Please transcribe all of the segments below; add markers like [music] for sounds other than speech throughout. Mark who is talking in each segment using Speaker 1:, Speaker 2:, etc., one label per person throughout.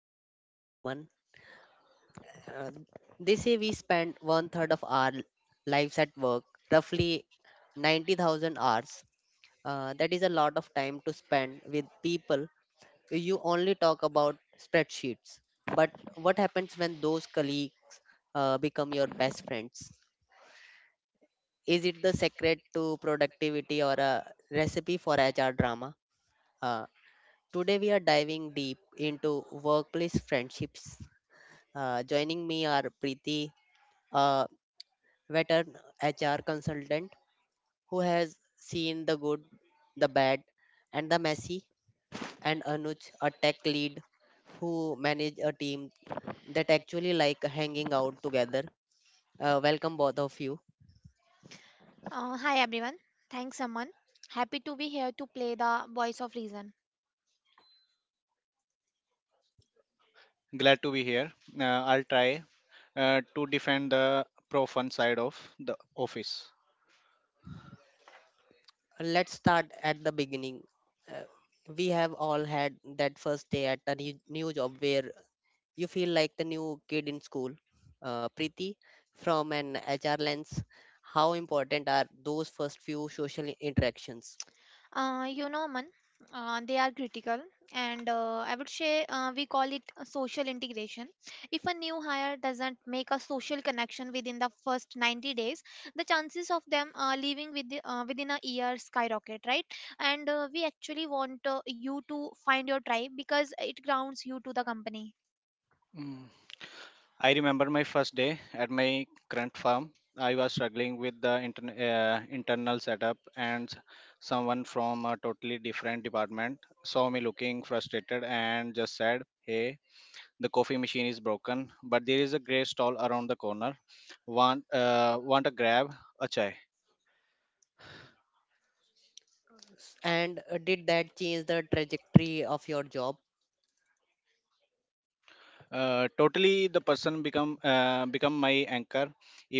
Speaker 1: am your host, Aman. Uh, they say we spend one third of our lives at work, roughly 90,000 hours. That is a lot of time to spend with people. You only talk about spreadsheets. But what happens when those colleagues become your best friends? Is it the secret to productivity or a recipe for HR drama? Uh, Today, we are diving deep into workplace friendships. Joining me are Preeti, a veteran HR consultant who has seen the good, the bad, and the messy, and Anuj, a tech lead who manage a team that actually like hanging out together. Welcome both of you.
Speaker 2: Hi everyone. Thanks, Aman. Happy to be here to play the voice of reason.
Speaker 3: Glad to be here. I'll try to defend the pro fun side of the office.
Speaker 1: Let's start at the beginning. Uh, we have all had that first day at a new job where you feel like the new kid in school. Preeti, from an HR lens, how important are those first few social interactions?
Speaker 2: Aman, they are critical, and I would say we call it a social integration. If a new hire doesn't make a social connection within the first 90 days, the chances of them leaving with within a year skyrocket, right? And we actually want you to find your tribe because it grounds you to the company.
Speaker 3: Mm. I remember my first day at my current firm. I was struggling with the internal setup, and someone from a totally different department saw me looking frustrated and just said, "Hey, the coffee machine is broken, but there is a great stall around the corner. Want a grab? A chai."
Speaker 1: And did that change the trajectory of your job? [laughs]
Speaker 3: Totally the person become my anchor.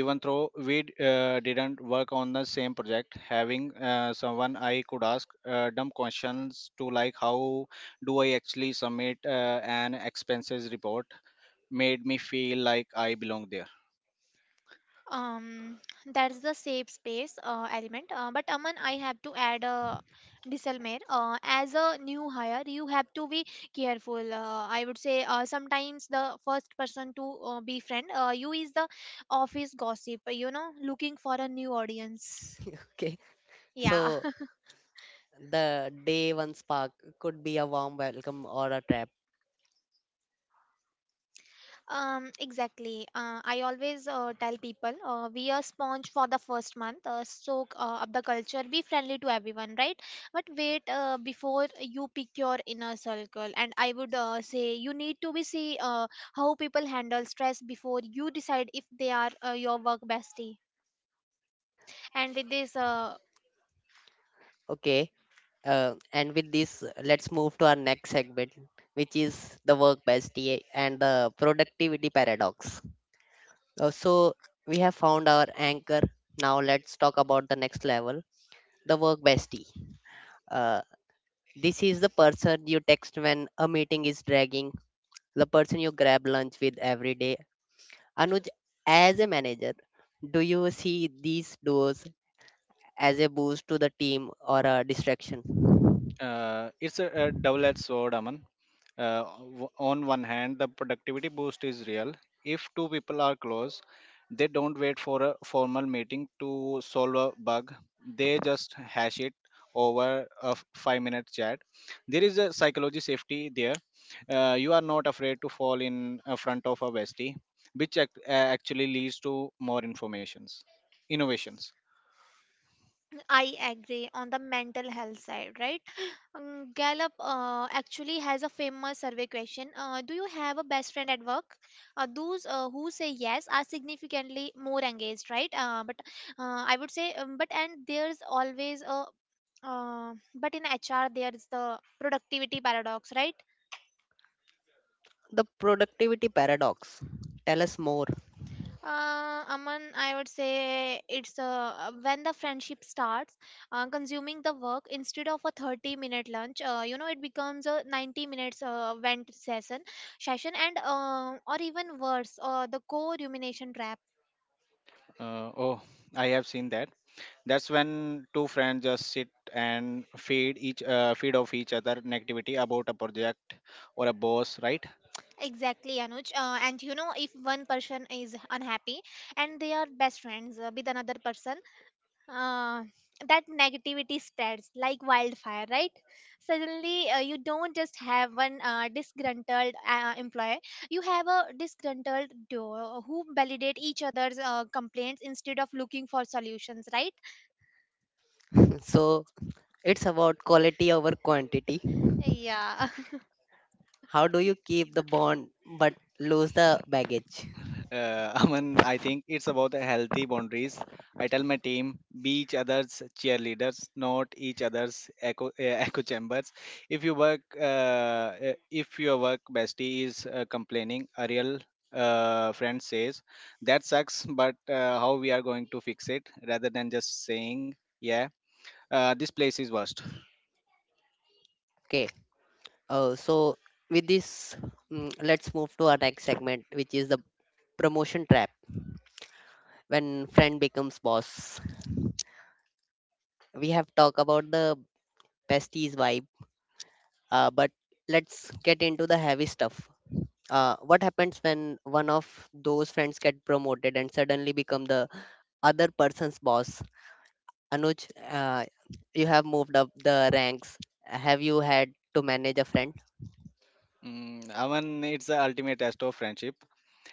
Speaker 3: Even though we didn't work on the same project, having someone I could ask dumb questions to, like how do I actually submit an expenses report, made me feel like I belong there.
Speaker 2: um that's the safe space element, but Aman, I have to add a disclaimer. As a new hire, you have to be careful. I would say sometimes the first person to befriend you is the office gossip, you know, looking for a new audience.
Speaker 1: Okay,
Speaker 2: Yeah.
Speaker 1: so the day one spark could be a warm welcome or a trap.
Speaker 2: Exactly. I always tell people we are sponge for the first month. Soak up the culture, be friendly to everyone, right? But wait before you pick your inner circle. And I would say you need to be see how people handle stress before you decide if they are your work bestie. And with this,
Speaker 1: Okay, and with this, let's move to our next segment, which is the work bestie and the productivity paradox. So we have found our anchor. Now let's talk about the next level, the work bestie. Uh, this is the person you text when a meeting is dragging, the person you grab lunch with every day. Anuj, as a manager, do you see these duos as a boost to the team or a distraction?
Speaker 3: It's a double-edged sword, Aman. Uh, on one hand, the productivity boost is real. If two people are close, they don't wait for a formal meeting to solve a bug. They just hash it over a five-minute chat. There is a psychology safety there. You are not afraid to fall in front of a bestie, which actually leads to more informations, innovations.
Speaker 2: I agree on the mental health side, right? [gasps] Gallup actually has a famous survey question. Do you have a best friend at work? Those who say yes are significantly more engaged, right? But I would say, but and there's always a but in HR there is the productivity paradox, right?
Speaker 1: The productivity paradox. Tell us more.
Speaker 2: Aman, I would say it's when the friendship starts consuming the work, instead of a 30-minute lunch, it becomes a 90 minutes vent session, and or even worse, the co rumination trap.
Speaker 3: Uh, oh, I have seen that. That's when two friends just sit and feed off each other negativity about a project or a boss, right?
Speaker 2: Exactly, Anuj. And you know, if one person is unhappy and they are best friends with another person, uh, that negativity spreads like wildfire, right? Suddenly, you don't just have one disgruntled employee, you have a disgruntled duo who validate each other's complaints instead of looking for solutions, right?
Speaker 1: So it's about quality over quantity.
Speaker 2: Yeah. [laughs]
Speaker 1: How do you keep the bond but lose the baggage?
Speaker 3: [laughs] Aman, I think it's about the healthy boundaries. I tell my team, be each other's cheerleaders, not each other's echo [laughs] echo chambers. If you work if your work bestie is complaining, a real friend says, "That sucks, but how we are going to fix it?" rather than just saying, "Yeah, this place is worst."
Speaker 1: Okay. So with this, let's move to our next segment, which is the promotion trap when friend becomes boss. We have talked about the besties vibe, but let's get into the heavy stuff. What happens when one of those friends get promoted and suddenly become the other person's boss? Anuj, you have moved up the ranks. Have you had to manage a friend?
Speaker 3: Mm, Aman, it's the ultimate test of friendship.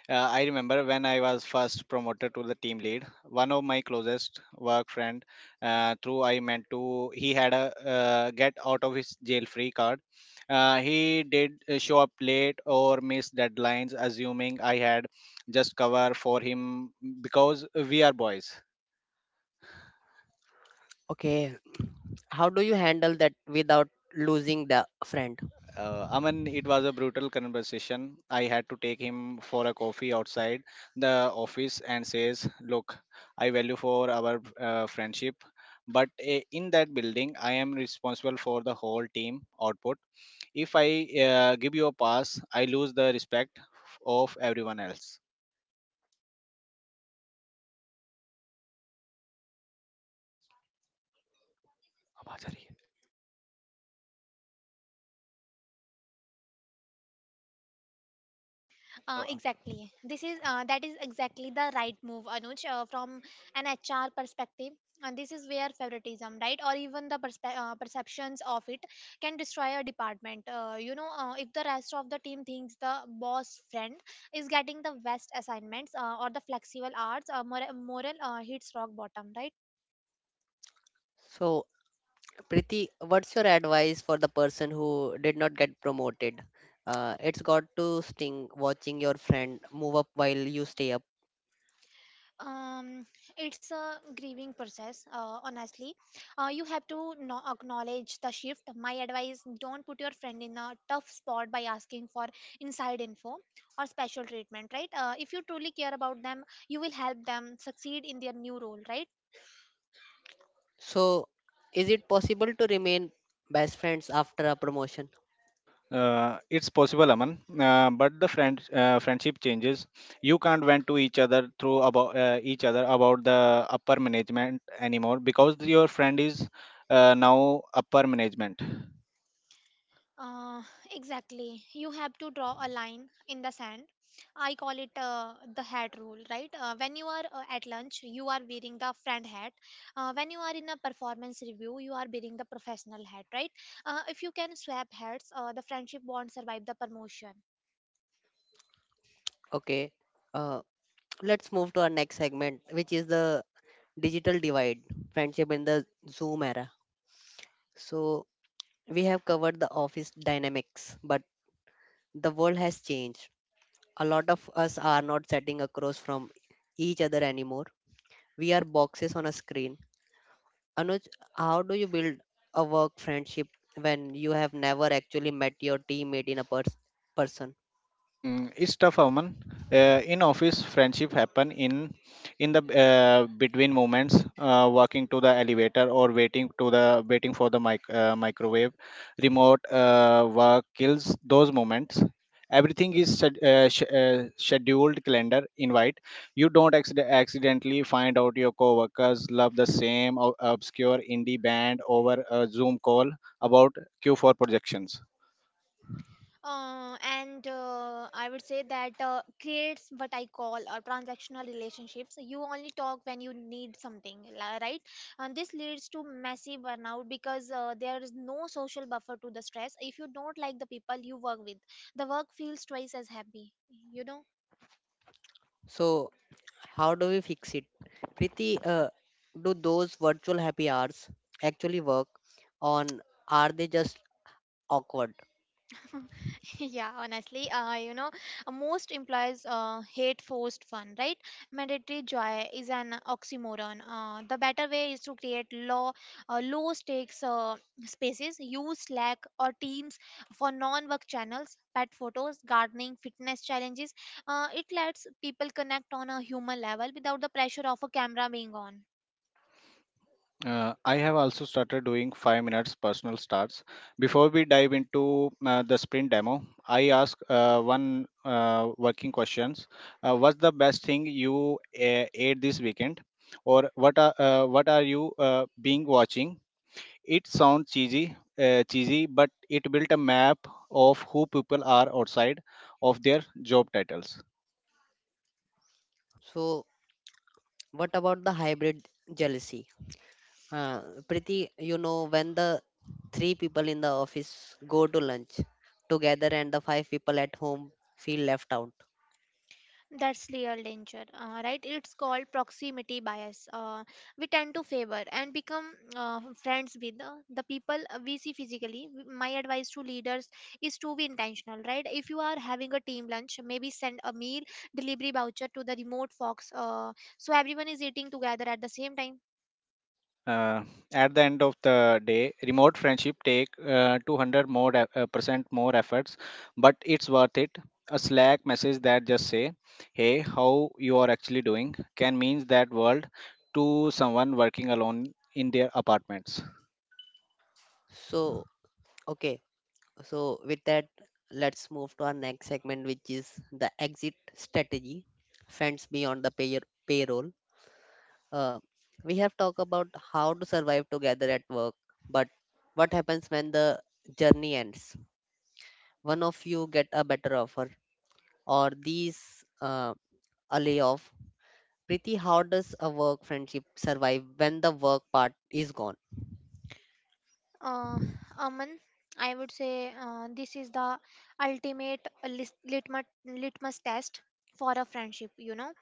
Speaker 3: I remember when I was first promoted to the team lead, one of my closest work friend, through I meant to, he had a get out of his jail free card. He did show up late or miss deadlines, assuming I had just cover for him because we are boys.
Speaker 1: Okay, how do you handle that without losing the friend?
Speaker 3: Aman, it was a brutal conversation. I had to take him for a coffee outside the office and says, "Look, I value for our friendship, but in that building, I am responsible for the whole team output. If I give you a pass, I lose the respect of everyone else." आवाज आ रही है. Uh,
Speaker 2: Exactly. This is That is exactly the right move, Anuj, from an HR perspective. And this is where favoritism, right, or even the perceptions of it can destroy a department. If the rest of the team thinks the boss friend is getting the best assignments or the flexible hours, moral hits rock bottom, right?
Speaker 1: So Priti, what's your advice for the person who did not get promoted? It's got to sting watching your friend move up while you stay up.
Speaker 2: um, it's a grieving process, honestly. You have to acknowledge the shift. My advice: don't put your friend in a tough spot by asking for inside info or special treatment, right? If you truly care about them, you will help them succeed in their new role, right?
Speaker 1: So, is it possible to remain best friends after a promotion?
Speaker 3: It's possible, Aman, but the friendship changes. You can't vent to each other through about each other about the upper management anymore because your friend is now upper management.
Speaker 2: Uh, exactly. You have to draw a line in the sand. I call it the hat rule, right? When you are at lunch, you are wearing the friend hat. When you are in a performance review, you are wearing the professional hat, right? If you can swap hats, the friendship won't survive the promotion.
Speaker 1: Okay, uh, let's move to our next segment, which is the digital divide friendship in the Zoom era. So, we have covered the office dynamics, but the world has changed. A lot of us are not sitting across from each other anymore. We are boxes on a screen. Anuj, how do you build a work friendship when you have never actually met your teammate in a person?
Speaker 3: Mm, it's tough, Aman. In office, friendship happen in the between moments, walking to the elevator or waiting for the microwave. Remote work kills those moments. Everything is scheduled calendar invite. You don't accidentally find out your coworkers love the same obscure indie band over a Zoom call about Q4 projections.
Speaker 2: And I would say that creates what I call transactional relationships. You only talk when you need something, right? And this leads to massive burnout because there is no social buffer to the stress. If you don't like the people you work with, the work feels twice as happy. You know.
Speaker 1: So, how do we fix it? Priti, do those virtual happy hours actually work on are they just awkward?
Speaker 2: [laughs] Yeah, honestly, most implies hate forced fun, right? Mandatory joy is an oxymoron. The better way is to create low stakes spaces. Use Slack or Teams for non-work channels, pet photos, gardening, fitness challenges. It lets people connect on a human level without the pressure of a camera being on.
Speaker 3: I have also started doing 5 minutes personal starts. Before we dive into the sprint demo, I ask one working questions. What's the best thing you ate this weekend, or what are you being watching? It sounds cheesy, but it built a map of who people are outside of their job titles.
Speaker 1: So, what about the hybrid jealousy? Uh, Priti, you know, when the three people in the office go to lunch together and the five people at home feel left out.
Speaker 2: That's real danger, right? It's called proximity bias. We tend to favor and become friends with the people we see physically. My advice to leaders is to be intentional, right? If you are having a team lunch, maybe send a meal delivery voucher to the remote folks, so everyone is eating together at the same time.
Speaker 3: uh, at the end of the day, remote friendship take 200 more percent more efforts, but it's worth it. A Slack message that just say, "Hey, how you are actually doing?" can means that world to someone working alone in their apartments.
Speaker 1: So, Okay, so with that, let's move to our next segment, which is the exit strategy, friends beyond the payroll. Uh, we have talked about how to survive together at work, but what happens when the journey ends? One of you get a better offer, or these uh, a layoff. Pretty, how does a work friendship survive when the work part is gone?
Speaker 2: Uh, Aman, I would say this is the ultimate litmus test for a friendship. You know.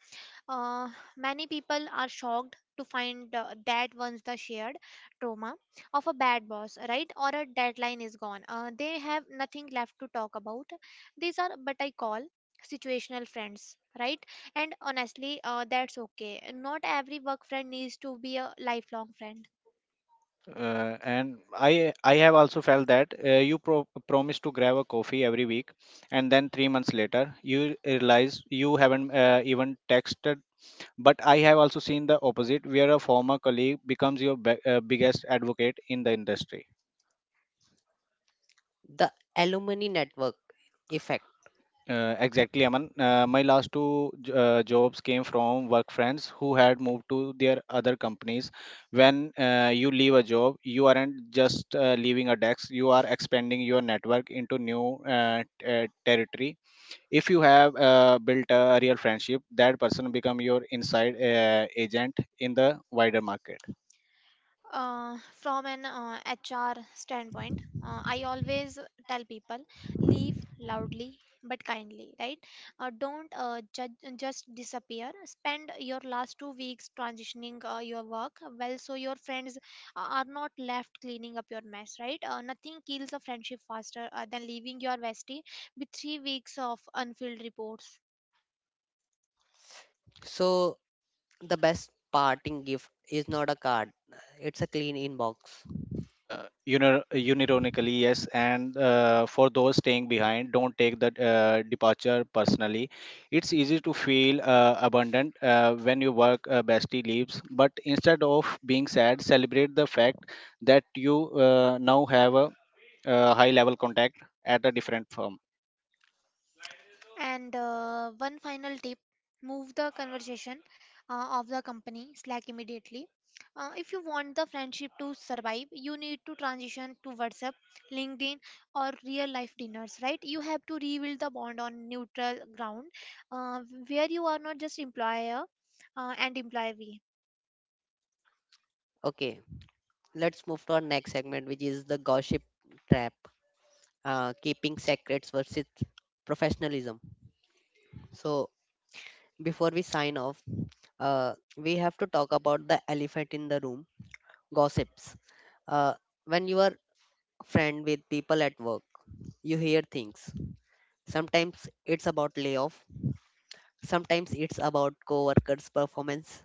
Speaker 2: Uh, Many people are shocked to find that once the shared trauma of a bad boss, right, or a deadline is gone, they have nothing left to talk about. These are but I call situational friends, right? And honestly, that's okay. Not every work friend needs to be a lifelong friend.
Speaker 3: And I have also felt that you promise to grab a coffee every week, and then 3 months later you realize you haven't even texted. But I have also seen the opposite, where a former colleague becomes your biggest advocate in the industry.
Speaker 1: The alumni network effect.
Speaker 3: Exactly, Aman. My last two jobs came from work friends who had moved to their other companies. When you leave a job, you aren't just leaving a desk, you are expanding your network into new territory. If you have built a real friendship, that person become your inside agent in the wider market.
Speaker 2: From an HR standpoint, I always tell people: leave loudly but kindly, right? Don't judge, just disappear. Spend your last 2 weeks transitioning your work well, so your friends are not left cleaning up your mess, right? Nothing kills a friendship faster than leaving your bestie with 3 weeks of unfilled reports.
Speaker 1: So the best parting gift is not a card, it's a clean inbox.
Speaker 3: Unir- Unironically, yes. And for those staying behind, don't take the departure personally. It's easy to feel abundant when your work bestie leaves, but instead of being sad, celebrate the fact that you now have a high level contact at a different firm.
Speaker 2: And one final tip: move the conversation of the company Slack immediately. If you want the friendship to survive, you need to transition to WhatsApp, LinkedIn, or real life dinners, right? You have to rebuild the bond on neutral ground, uh, where you are not just employer and employee.
Speaker 1: Okay, let's move to our next segment, which is the gossip trap, keeping secrets versus professionalism. So, before we sign off, we have to talk about the elephant in the room gossips. Uh, when you are friend with people at work, you hear things. Sometimes it's about layoff, sometimes it's about co workers' performance.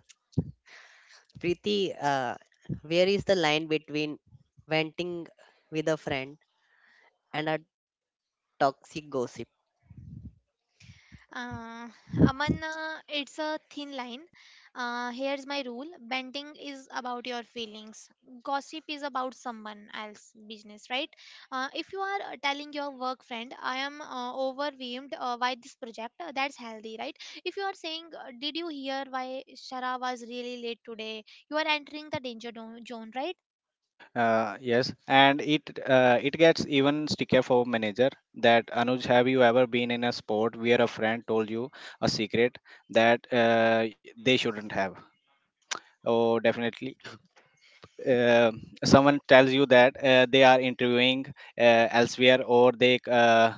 Speaker 1: Preeti, where is the line between venting with a friend and a toxic gossip?
Speaker 2: Uh, Aman, it's a thin line. Here's my rule: bending is about your feelings, gossip is about someone else's business, right? If you are telling your work friend, I am overwhelmed by this project, that's healthy, right? If you are saying, did you hear why Shara was really late today? You are entering the zone, right?
Speaker 3: Yes, and it gets even stickier for manager. That Anuj, have you ever been in a sport where a friend told you a secret that they shouldn't have? Oh, definitely. uh, Someone tells you that they are interviewing elsewhere, or they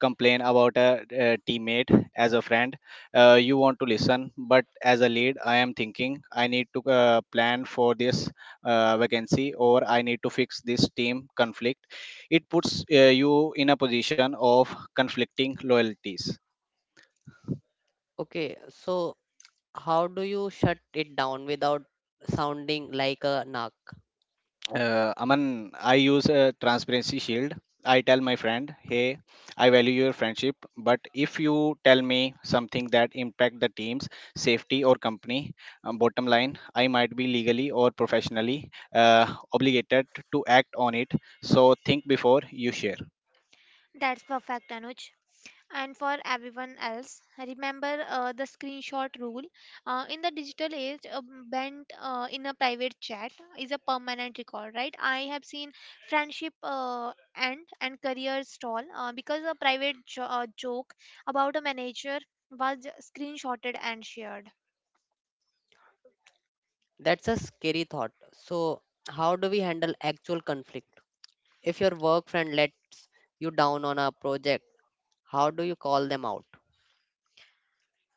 Speaker 3: complain about a teammate as a friend. You want to listen, but as a lead, I am thinking I need to plan for this vacancy, or I need to fix this team conflict. It puts you in a position of conflicting loyalties.
Speaker 1: Okay, so how do you shut it down without sounding like a narc?
Speaker 3: Aman, I use a transparency shield. I tell my friend, "Hey, I value your friendship, but if you tell me something that impact the team's safety or company bottom line, I might be legally or professionally obligated to act on it. So think before you share."
Speaker 2: That's perfect, Anuj. And for everyone else, remember the screenshot rule. In the digital age, a bent in a private chat is a permanent record, right? I have seen friendship end and career stall because a private joke about a manager was screenshotted and shared.
Speaker 1: That's a scary thought. So, how do we handle actual conflict? If your work friend lets you down on a project, how do you call them out?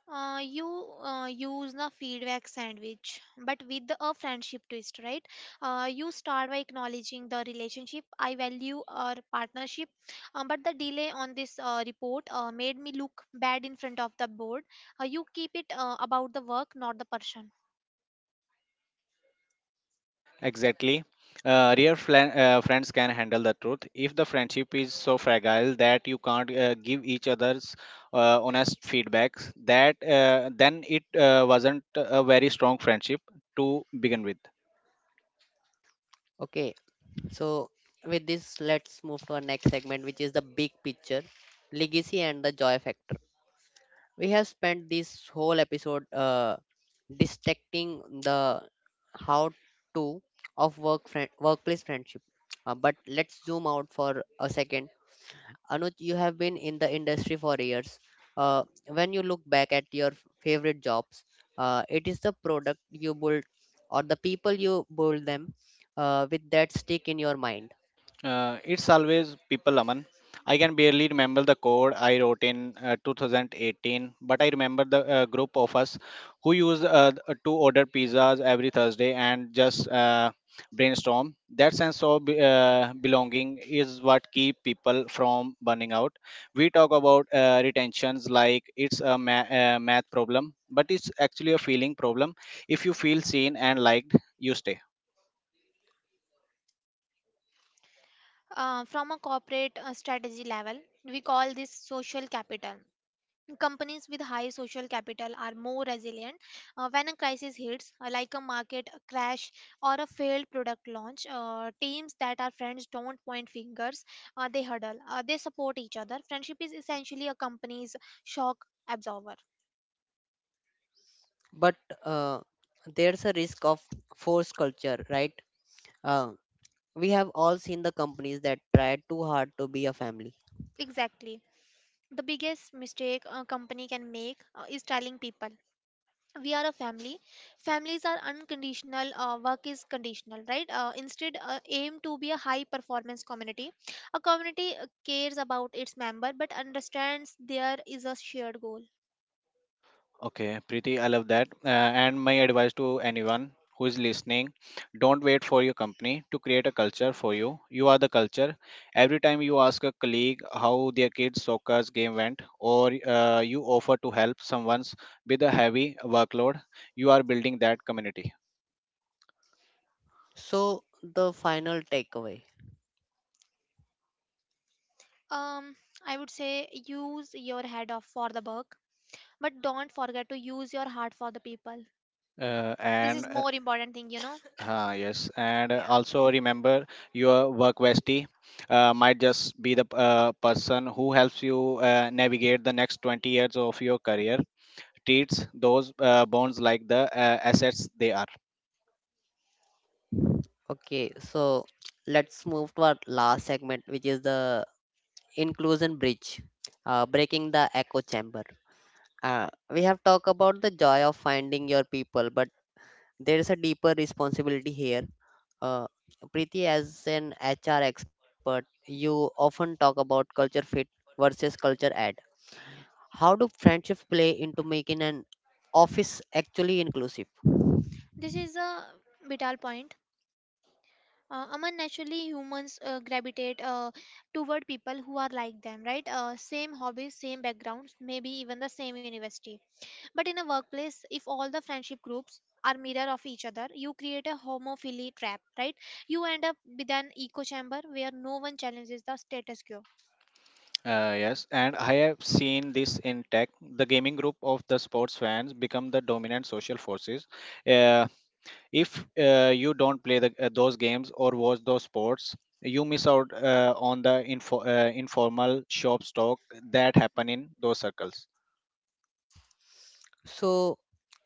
Speaker 2: You use the feedback sandwich, but with a friendship twist, right? You start by acknowledging the relationship. I value our partnership, but the delay on this report made me look bad in front of the board. You keep it about the work, not the person.
Speaker 3: Exactly. Real friends can handle the truth. If the friendship is so fragile that you can't give each other's honest feedbacks, that then it wasn't a very strong friendship to begin with.
Speaker 1: Okay, so with this, let's move to our next segment, which is the big picture legacy and the joy factor. We have spent this whole episode dissecting the how to of workplace friendship. But let's zoom out for a second. Anuj, you have been in the industry for years. uh, when you look back at your favorite jobs, it is the product you build or the people you build them with that stick in your mind?
Speaker 3: It's always people, Aman. I can barely remember the code I wrote in 2018, but I remember the group of us who used to order pizzas every Thursday and just brainstorm. That sense of belonging is what keep people from burning out. We talk about retentions like it's a math problem, but it's actually a feeling problem. If you feel seen and liked, you stay.
Speaker 2: From a corporate strategy level, we call this social capital. Companies with high social capital are more resilient when a crisis hits, like a market crash or a failed product launch. Teams that are friends don't point fingers, they huddle, they support each other. Friendship is essentially a company's shock absorber.
Speaker 1: But uh, there's a risk of force culture, right? Uh, We have all seen the companies that try too hard to be a family.
Speaker 2: Exactly. The biggest mistake a company can make is telling people we are a family. Families are unconditional, work is conditional, right? Instead, aim to be a high performance community, a community cares about its member but understands there is a shared goal.
Speaker 3: Okay, pretty. I love that. And my advice to anyone who is listening, don't wait for your company to create a culture for you. You are the culture. Every time you ask a colleague how their kids' soccer game went, or you offer to help someone with a heavy workload, you are building that community.
Speaker 1: So, the final takeaway.
Speaker 2: um I would say use your head off for the work, but don't forget to use your heart for the people.
Speaker 3: Uh,
Speaker 2: This
Speaker 3: and
Speaker 2: is
Speaker 3: uh,
Speaker 2: more important thing, you know.
Speaker 3: yes, and also remember, your work bestie might just be the person who helps you navigate the next 20 years of your career. Treats those bonds like the assets they are.
Speaker 1: Okay, so let's move to our last segment, which is the inclusion bridge, breaking the echo chamber. We have talked about the joy of finding your people, but there is a deeper responsibility here. Uh, Preeti, as an HR expert, you often talk about culture fit versus culture. How do friendships play into making an office actually inclusive?
Speaker 2: [laughs] This is a vital point. Aman, naturally, humans gravitate toward people who are like them, right? Same hobbies, same backgrounds, maybe even the same university. But in a workplace, if all the friendship groups are mirror of each other, you create a homophily trap, right? You end up with an echo chamber where no one challenges the status quo.
Speaker 3: Yes, and I have seen this in tech. The gaming group of the sports fans become the dominant social forces. Uh, if you don't play those games or watch those sports, you miss out on the informal shop talk that happen in those circles.
Speaker 1: So,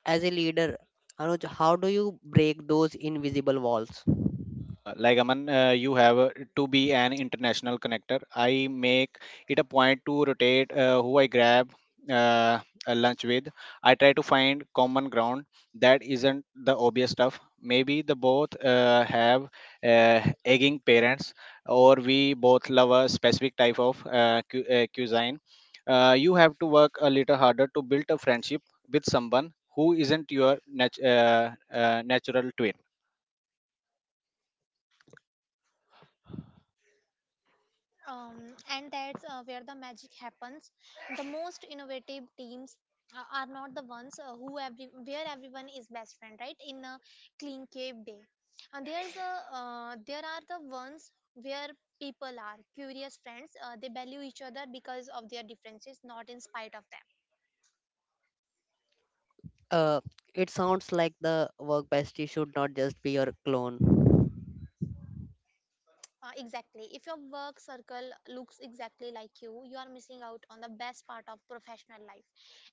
Speaker 1: as a leader, Anuj, how do you break those invisible walls?
Speaker 3: Like Aman, you have to be an international connector. I make it a point to rotate who I grab uh, a lunch with. I try to find common ground that isn't the obvious stuff. Maybe the both have uh, egging parents, or we both love a specific type of cuisine. You have to work a little harder to build a friendship with someone who isn't your natural twin.
Speaker 2: And that's where the magic happens. The most innovative teams are not the ones who every where everyone is best friend, right? In a clean cave day, and there's a there are the ones where people are curious friends. They value each other because of their differences, not in spite of them.
Speaker 1: Uh, it sounds like the work bestie should not just be your clone.
Speaker 2: Exactly. If your work circle looks exactly like you are missing out on the best part of professional life.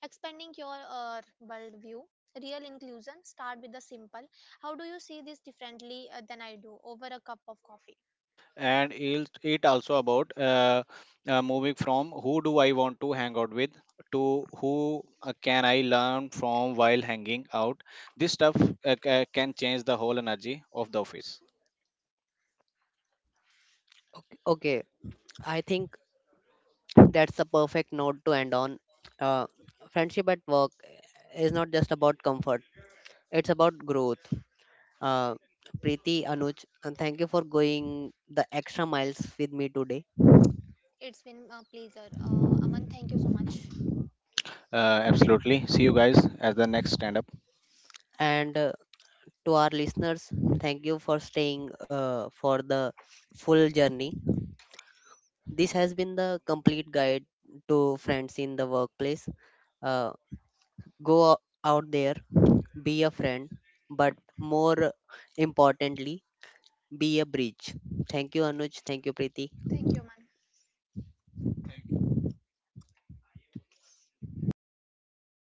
Speaker 2: Expanding your worldview, real inclusion, start with the simple. How do you see this differently than I do over a cup of coffee?
Speaker 3: And it also about moving from who do I want to hang out with to who can I learn from while hanging out. This stuff can change the whole energy of the office.
Speaker 1: Okay, I think that's the perfect note to end on. Uh, friendship at work is not just about comfort; it's about growth. Uh, Preeti, Anuj, and thank you for going the extra miles with me today.
Speaker 2: It's been a pleasure. Aman, thank you so much.
Speaker 3: uh, Absolutely. See you guys at the next stand up.
Speaker 1: And to our listeners. Thank you for staying for the full journey. This has been the complete guide to friends in the workplace. Uh, go out there, be a friend, but more importantly, be a bridge. Thank you, Anuj. Thank you, Preeti.
Speaker 2: Thank you, Aman.